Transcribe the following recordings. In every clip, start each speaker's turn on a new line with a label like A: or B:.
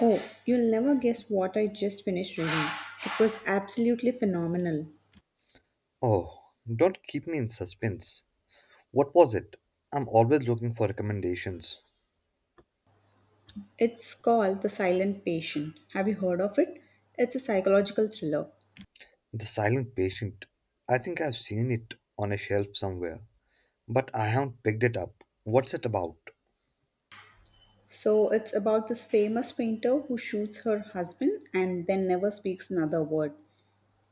A: Oh, you'll never guess what I just finished reading. It was absolutely phenomenal.
B: Oh, don't keep me in suspense. What was it? I'm always looking for recommendations.
A: It's called The Silent Patient. Have you heard of it? It's a psychological thriller.
B: The Silent Patient. I think I've seen it on a shelf somewhere, but I haven't picked it up. What's it about?
A: So, it's about this famous painter who shoots her husband and then never speaks another word.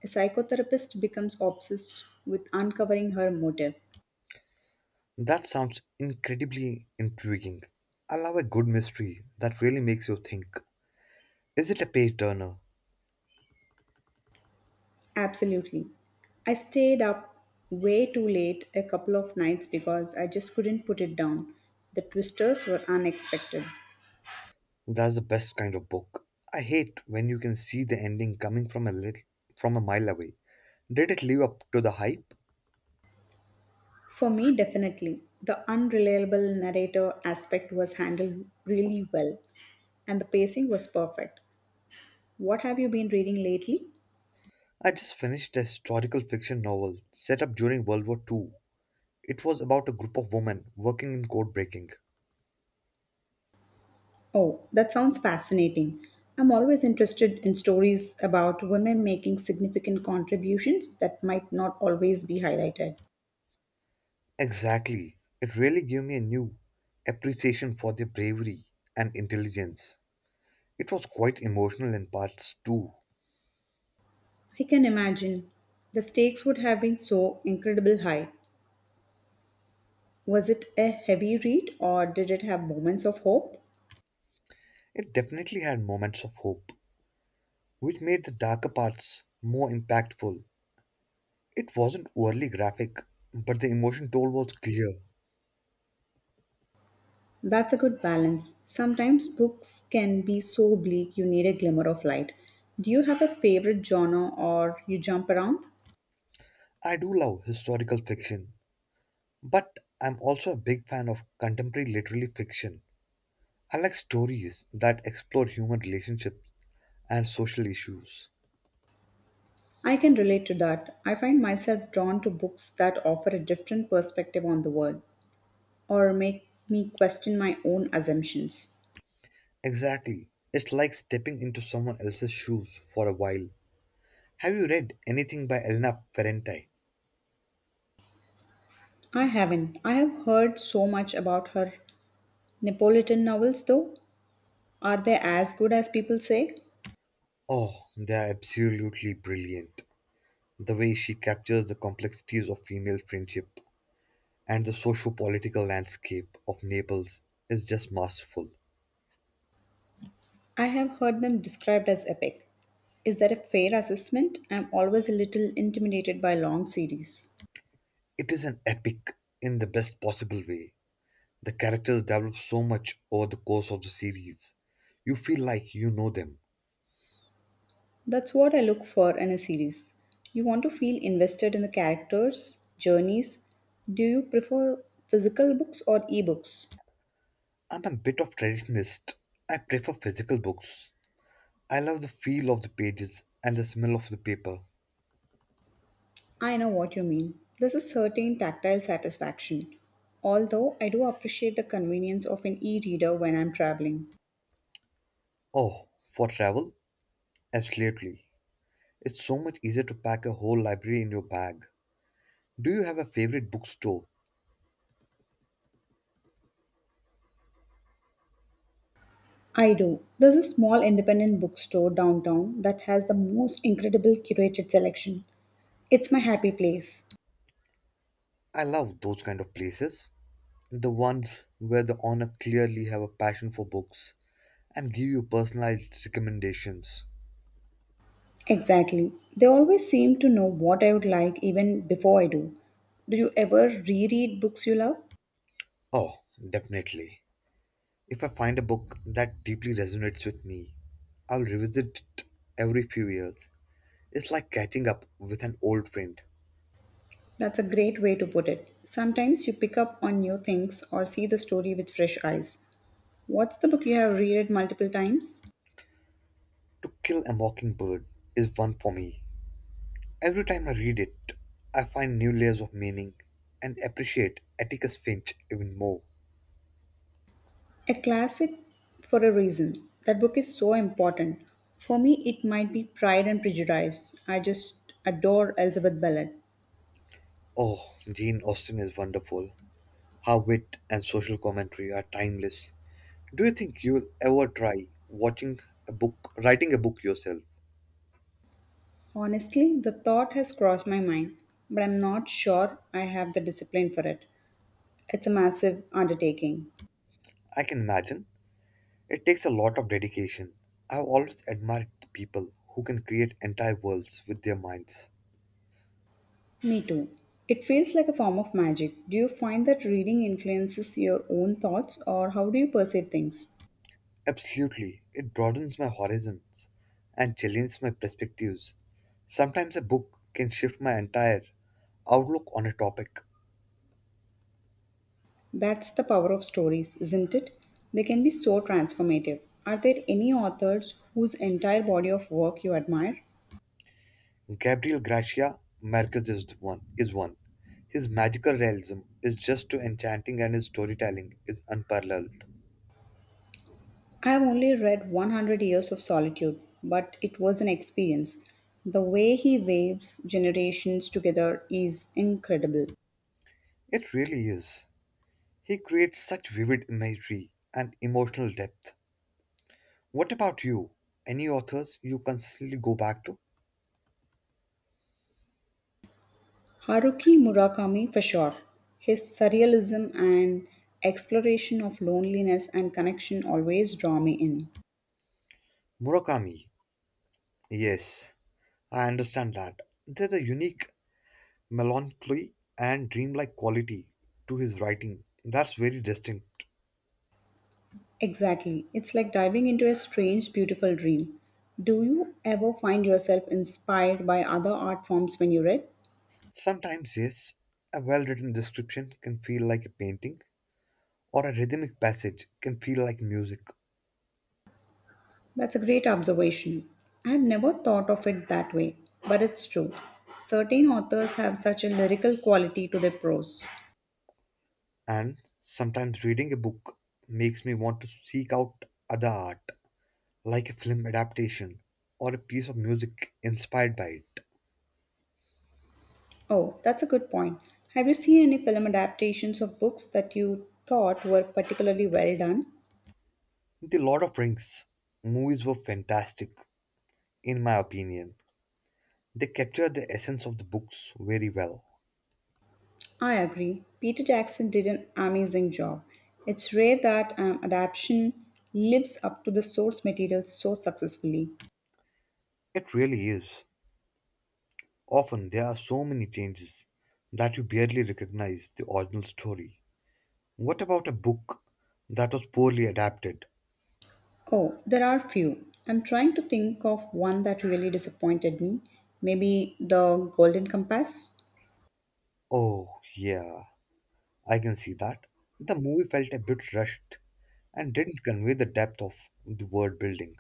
A: A psychotherapist becomes obsessed with uncovering her motive.
B: That sounds incredibly intriguing. I love a good mystery that really makes you think. Is it a page turner?
A: Absolutely. I stayed up way too late a couple of nights because I just couldn't put it down. The twisters were unexpected.
B: That's the best kind of book. I hate when you can see the ending coming from a mile away. Did it live up to the hype?
A: For me, definitely. The unreliable narrator aspect was handled really well, and the pacing was perfect. What have you been reading lately?
B: I just finished a historical fiction novel set up during World War Two. It was about a group of women working in code breaking.
A: Oh, that sounds fascinating. I'm always interested in stories about women making significant contributions that might not always be highlighted.
B: Exactly. It really gave me a new appreciation for their bravery and intelligence. It was quite emotional in parts too.
A: I can imagine. The stakes would have been so incredibly high. Was it a heavy read or did it have moments of hope?
B: It definitely had moments of hope, which made the darker parts more impactful. It wasn't overly graphic, but the emotion toll was clear.
A: That's a good balance. Sometimes books can be so bleak you need a glimmer of light. Do you have a favorite genre or you jump around?
B: I do love historical fiction, but I'm also a big fan of contemporary literary fiction. I like stories that explore human relationships and social issues.
A: I can relate to that. I find myself drawn to books that offer a different perspective on the world or make me question my own assumptions.
B: Exactly. It's like stepping into someone else's shoes for a while. Have you read anything by Elena Ferrante?
A: I haven't. I have heard so much about her Neapolitan novels though. Are they as good as people say?
B: Oh, they are absolutely brilliant. The way she captures the complexities of female friendship and the socio political landscape of Naples is just masterful.
A: I have heard them described as epic. Is that a fair assessment? I'm always a little intimidated by long series.
B: It is an epic in the best possible way. The characters develop so much over the course of the series. You feel like you know them.
A: That's what I look for in a series. You want to feel invested in the characters, journeys. Do you prefer physical books or ebooks?
B: I'm a bit of traditionalist. I prefer physical books. I love the feel of the pages and the smell of the paper.
A: I know what you mean. There's a certain tactile satisfaction. Although I do appreciate the convenience of an e reader when I'm traveling.
B: Oh, for travel? Absolutely. It's so much easier to pack a whole library in your bag. Do you have a favorite bookstore?
A: I do. There's a small independent bookstore downtown that has the most incredible curated selection. It's my happy place.
B: I love those kind of places. The ones where the owner clearly have a passion for books and give you personalized recommendations.
A: Exactly. They always seem to know what I would like even before I do. Do you ever reread books you love?
B: Oh, definitely. If I find a book that deeply resonates with me, I'll revisit it every few years. It's like catching up with an old friend.
A: That's a great way to put it. Sometimes you pick up on new things or see the story with fresh eyes. What's the book you have reread multiple times?
B: To Kill a Mockingbird is one for me. Every time I read it, I find new layers of meaning and appreciate Atticus Finch even more.
A: A classic for a reason. That book is so important. For me, it might be Pride and Prejudice. I just adore Elizabeth Bennet.
B: Oh, Jane Austen is wonderful. Her wit and social commentary are timeless. Do you think you'll ever try watching a book, writing a book yourself?
A: Honestly, the thought has crossed my mind, but I'm not sure I have the discipline for it. It's a massive undertaking.
B: I can imagine. It takes a lot of dedication. I've always admired the people who can create entire worlds with their minds.
A: Me too. It feels like a form of magic. Do you find that reading influences your own thoughts or how do you perceive things?
B: Absolutely, it broadens my horizons and challenges my perspectives. Sometimes a book can shift my entire outlook on a topic.
A: That's the power of stories, isn't it? They can be so transformative. Are there any authors whose entire body of work you admire?
B: Gabriel Gracia Marquez is the one. Is one. His magical realism is just too enchanting, and his storytelling is unparalleled.
A: I've only read 100 Years of Solitude, but it was an experience. The way he waves generations together is incredible.
B: It really is. He creates such vivid imagery and emotional depth. What about you? Any authors you consistently go back to?
A: Haruki Murakami for sure. His surrealism and exploration of loneliness and connection always draw me in.
B: Murakami. Yes, I understand that. There's a unique melancholy and dreamlike quality to his writing that's very distinct.
A: Exactly. It's like diving into a strange, beautiful dream. Do you ever find yourself inspired by other art forms when you read?
B: Sometimes, yes, a well written description can feel like a painting, or a rhythmic passage can feel like music.
A: That's a great observation. I have never thought of it that way, but it's true. Certain authors have such a lyrical quality to their prose.
B: And sometimes, reading a book makes me want to seek out other art, like a film adaptation or a piece of music inspired by it.
A: Oh, that's a good point. Have you seen any film adaptations of books that you thought were particularly well done?
B: The Lord of Rings movies were fantastic, in my opinion. They capture the essence of the books very well.
A: I agree. Peter Jackson did an amazing job. It's rare that an adaptation lives up to the source material so successfully.
B: It really is. Often there are so many changes that you barely recognize the original story. What about a book that was poorly adapted?
A: Oh, there are few. I'm trying to think of one that really disappointed me. Maybe the Golden Compass?
B: Oh, yeah, I can see that. The movie felt a bit rushed and didn't convey the depth of the world building.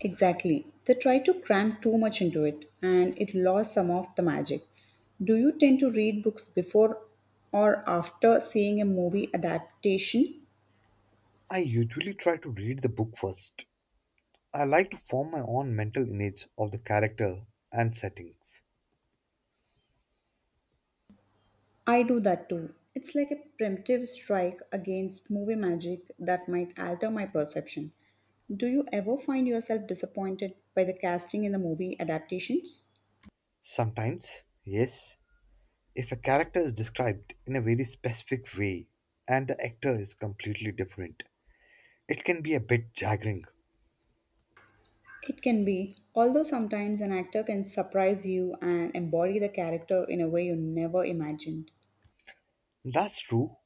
A: Exactly. They tried to cram too much into it and it lost some of the magic. Do you tend to read books before or after seeing a movie adaptation?
B: I usually try to read the book first. I like to form my own mental image of the character and settings.
A: I do that too. It's like a preemptive strike against movie magic that might alter my perception. Do you ever find yourself disappointed by the casting in the movie adaptations?
B: Sometimes, yes, if a character is described in a very specific way and the actor is completely different, it can be a bit jarring.
A: It can be, although sometimes an actor can surprise you and embody the character in a way you never imagined.
B: That's true.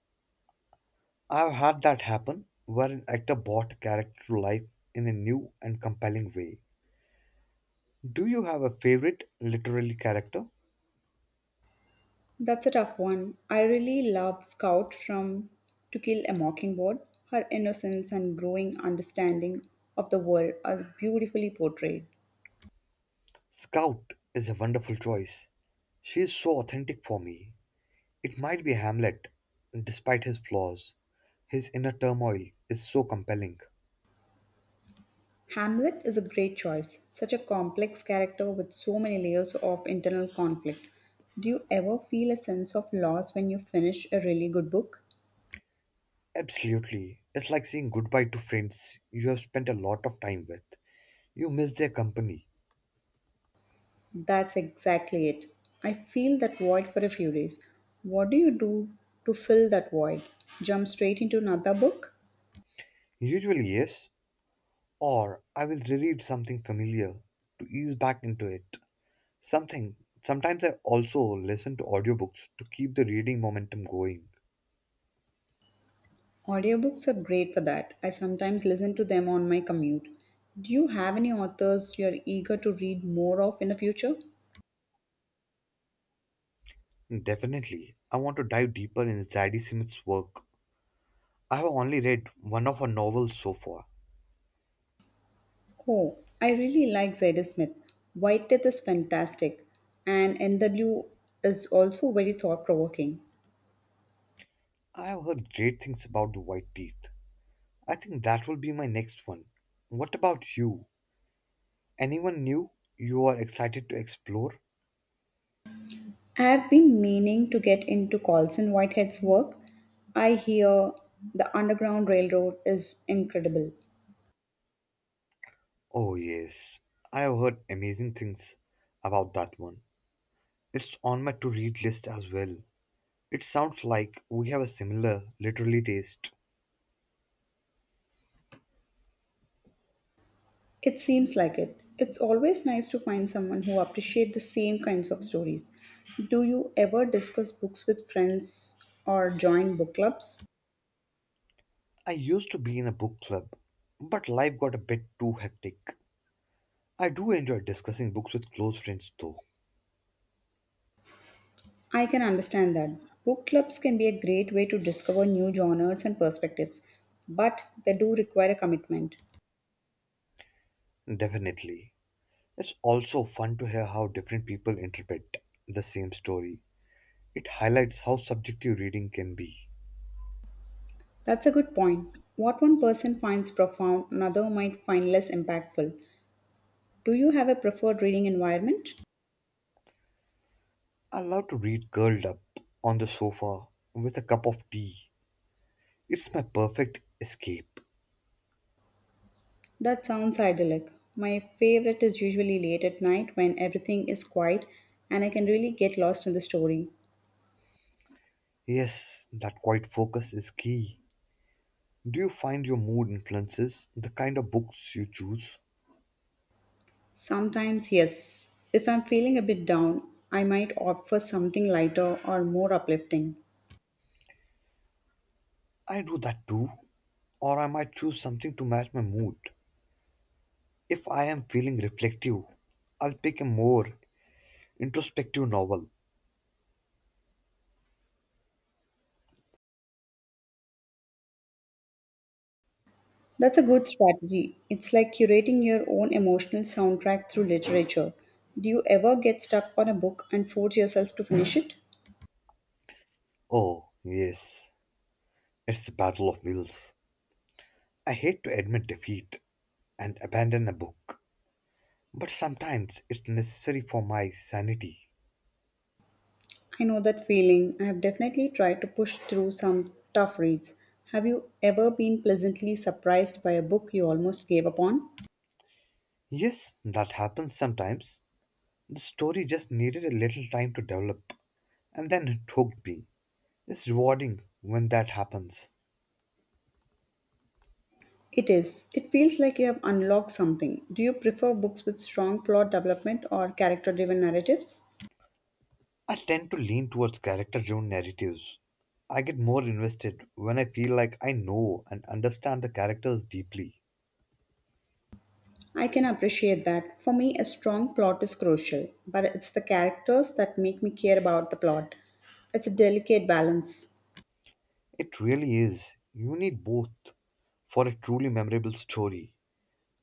B: I've had that happen where an actor brought a character to life in a new and compelling way. Do you have a favorite literary character?
A: That's a tough one. I really love Scout from To Kill a Mockingbird. Her innocence and growing understanding of the world are beautifully portrayed.
B: Scout is a wonderful choice. She is so authentic for me. It might be Hamlet, despite his flaws. His inner turmoil is so compelling.
A: Hamlet is a great choice, such a complex character with so many layers of internal conflict. Do you ever feel a sense of loss when you finish a really good book?
B: Absolutely. It's like saying goodbye to friends you have spent a lot of time with. You miss their company.
A: That's exactly it. I feel that void for a few days. What do you do to fill that void? Jump straight into another book?
B: Usually, yes, or I will reread something familiar to ease back into it. Something sometimes I also listen to audiobooks to keep the reading momentum going.
A: Audiobooks are great for that. I sometimes listen to them on my commute. Do you have any authors you are eager to read more of in the future?
B: Definitely, I want to dive deeper in Zadie Smith's work. I have only read one of her novels so far.
A: Oh, I really like Zadie Smith. White Death is fantastic, and NW is also very thought provoking.
B: I have heard great things about the White Teeth. I think that will be my next one. What about you? Anyone new you are excited to explore?
A: I've been meaning to get into Colson Whitehead's work. I hear the Underground Railroad is incredible.
B: Oh, yes, I have heard amazing things about that one. It's on my to read list as well. It sounds like we have a similar literary taste.
A: It seems like it. It's always nice to find someone who appreciates the same kinds of stories. Do you ever discuss books with friends or join book clubs?
B: I used to be in a book club, but life got a bit too hectic. I do enjoy discussing books with close friends though,
A: I can understand that. Book clubs can be a great way to discover new genres and perspectives, but they do require a commitment.
B: definitely. It's also fun to hear how different people interpret the same story. It highlights how subjective reading can be.
A: That's a good point. What one person finds profound, another might find less impactful. Do you have a preferred reading environment?
B: I love to read curled up on the sofa with a cup of tea. It's my perfect escape.
A: That sounds idyllic. My favorite is usually late at night when everything is quiet and I can really get lost in the story.
B: Yes, that quiet focus is key. Do you find your mood influences the kind of books you choose?
A: Sometimes, yes. If I'm feeling a bit down, I might opt for something lighter or more uplifting.
B: I do that too, or I might choose something to match my mood. If I am feeling reflective, I'll pick a more introspective novel.
A: That's a good strategy. It's like curating your own emotional soundtrack through literature. Do you ever get stuck on a book and force yourself to finish it?
B: Oh, yes, it's the Battle of Wills. I hate to admit defeat and abandon a book, but sometimes it's necessary for my sanity.
A: I know that feeling. I have definitely tried to push through some tough reads. Have you ever been pleasantly surprised by a book you almost gave up on?
B: Yes, that happens sometimes. The story just needed a little time to develop, and then it hooked me. It's rewarding when that happens.
A: It is. It feels like you have unlocked something. Do you prefer books with strong plot development or character driven narratives?
B: I tend to lean towards character driven narratives. I get more invested when I feel like I know and understand the characters deeply.
A: I can appreciate that. For me, a strong plot is crucial, but it's the characters that make me care about the plot. It's a delicate balance.
B: It really is. You need both for a truly memorable story.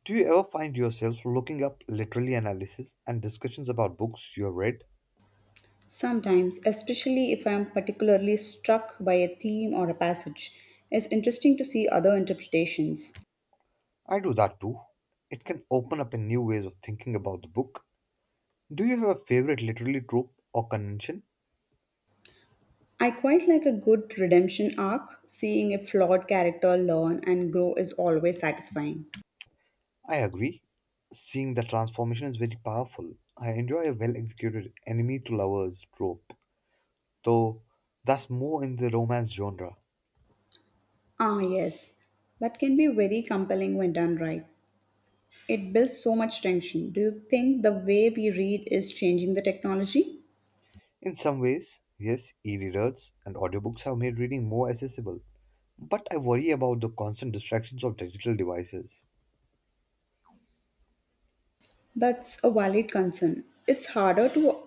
B: Do you ever find yourself looking up literary analysis and discussions about books you have read?
A: Sometimes, especially if I am particularly struck by a theme or a passage, it's interesting to see other interpretations.
B: I do that too. It can open up a new ways of thinking about the book. Do you have a favorite literary trope or convention?
A: I quite like a good redemption arc. Seeing a flawed character learn and grow is always satisfying.
B: I agree. Seeing the transformation is very powerful. I enjoy a well executed enemy to lovers trope, though that's more in the romance genre.
A: Ah, yes, that can be very compelling when done right. It builds so much tension. Do you think the way we read is changing the technology?
B: In some ways, yes, e readers and audiobooks have made reading more accessible, but I worry about the constant distractions of digital devices.
A: That's a valid concern. It's harder to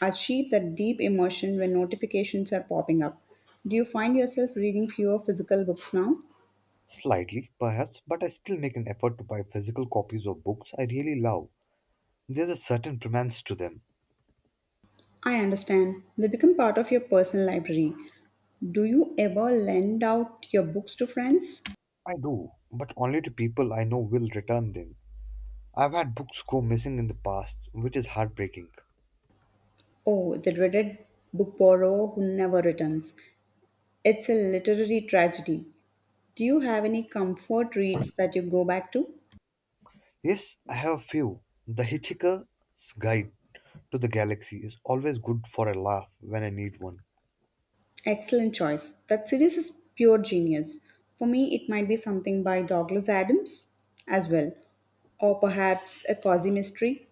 A: achieve that deep emotion when notifications are popping up. Do you find yourself reading fewer physical books now?
B: Slightly, perhaps, but I still make an effort to buy physical copies of books I really love. There's a certain romance to them.
A: I understand. They become part of your personal library. Do you ever lend out your books to friends?
B: I do, but only to people I know will return them. I've had books go missing in the past, which is heartbreaking.
A: Oh, the dreaded book borrower who never returns. It's a literary tragedy. Do you have any comfort reads that you go back to?
B: Yes, I have a few. The Hitchhiker's Guide to the Galaxy is always good for a laugh when I need one.
A: Excellent choice. That series is pure genius. For me, it might be something by Douglas Adams as well, or perhaps a cozy mystery.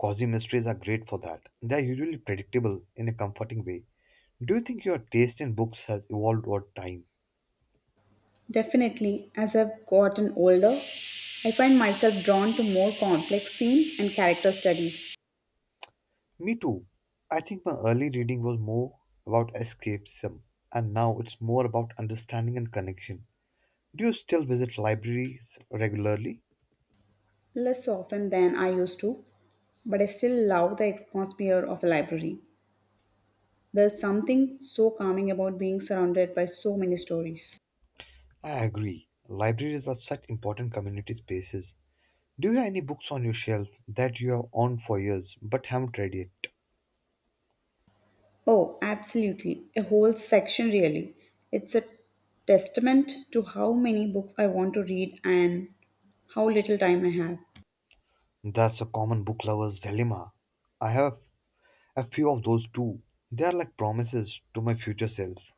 B: Cozy mysteries are great for that. They are usually predictable in a comforting way. Do you think your taste in books has evolved over time?
A: Definitely, as I've gotten older, I find myself drawn to more complex themes and character studies,
B: Me too. I think my early reading was more about escapism, and now it's more about understanding and connection. Do you still visit libraries regularly?
A: less often than I used to, but I still love the atmosphere of a library. There's something so calming about being surrounded by so many stories.
B: I agree. Libraries are such important community spaces. Do you have any books on your shelf that you have owned for years but haven't read yet?
A: Oh, absolutely. A whole section, really. It's a testament to how many books I want to read and how little time I have.
B: That's a common book lover's dilemma. I have a few of those too. They are like promises to my future self.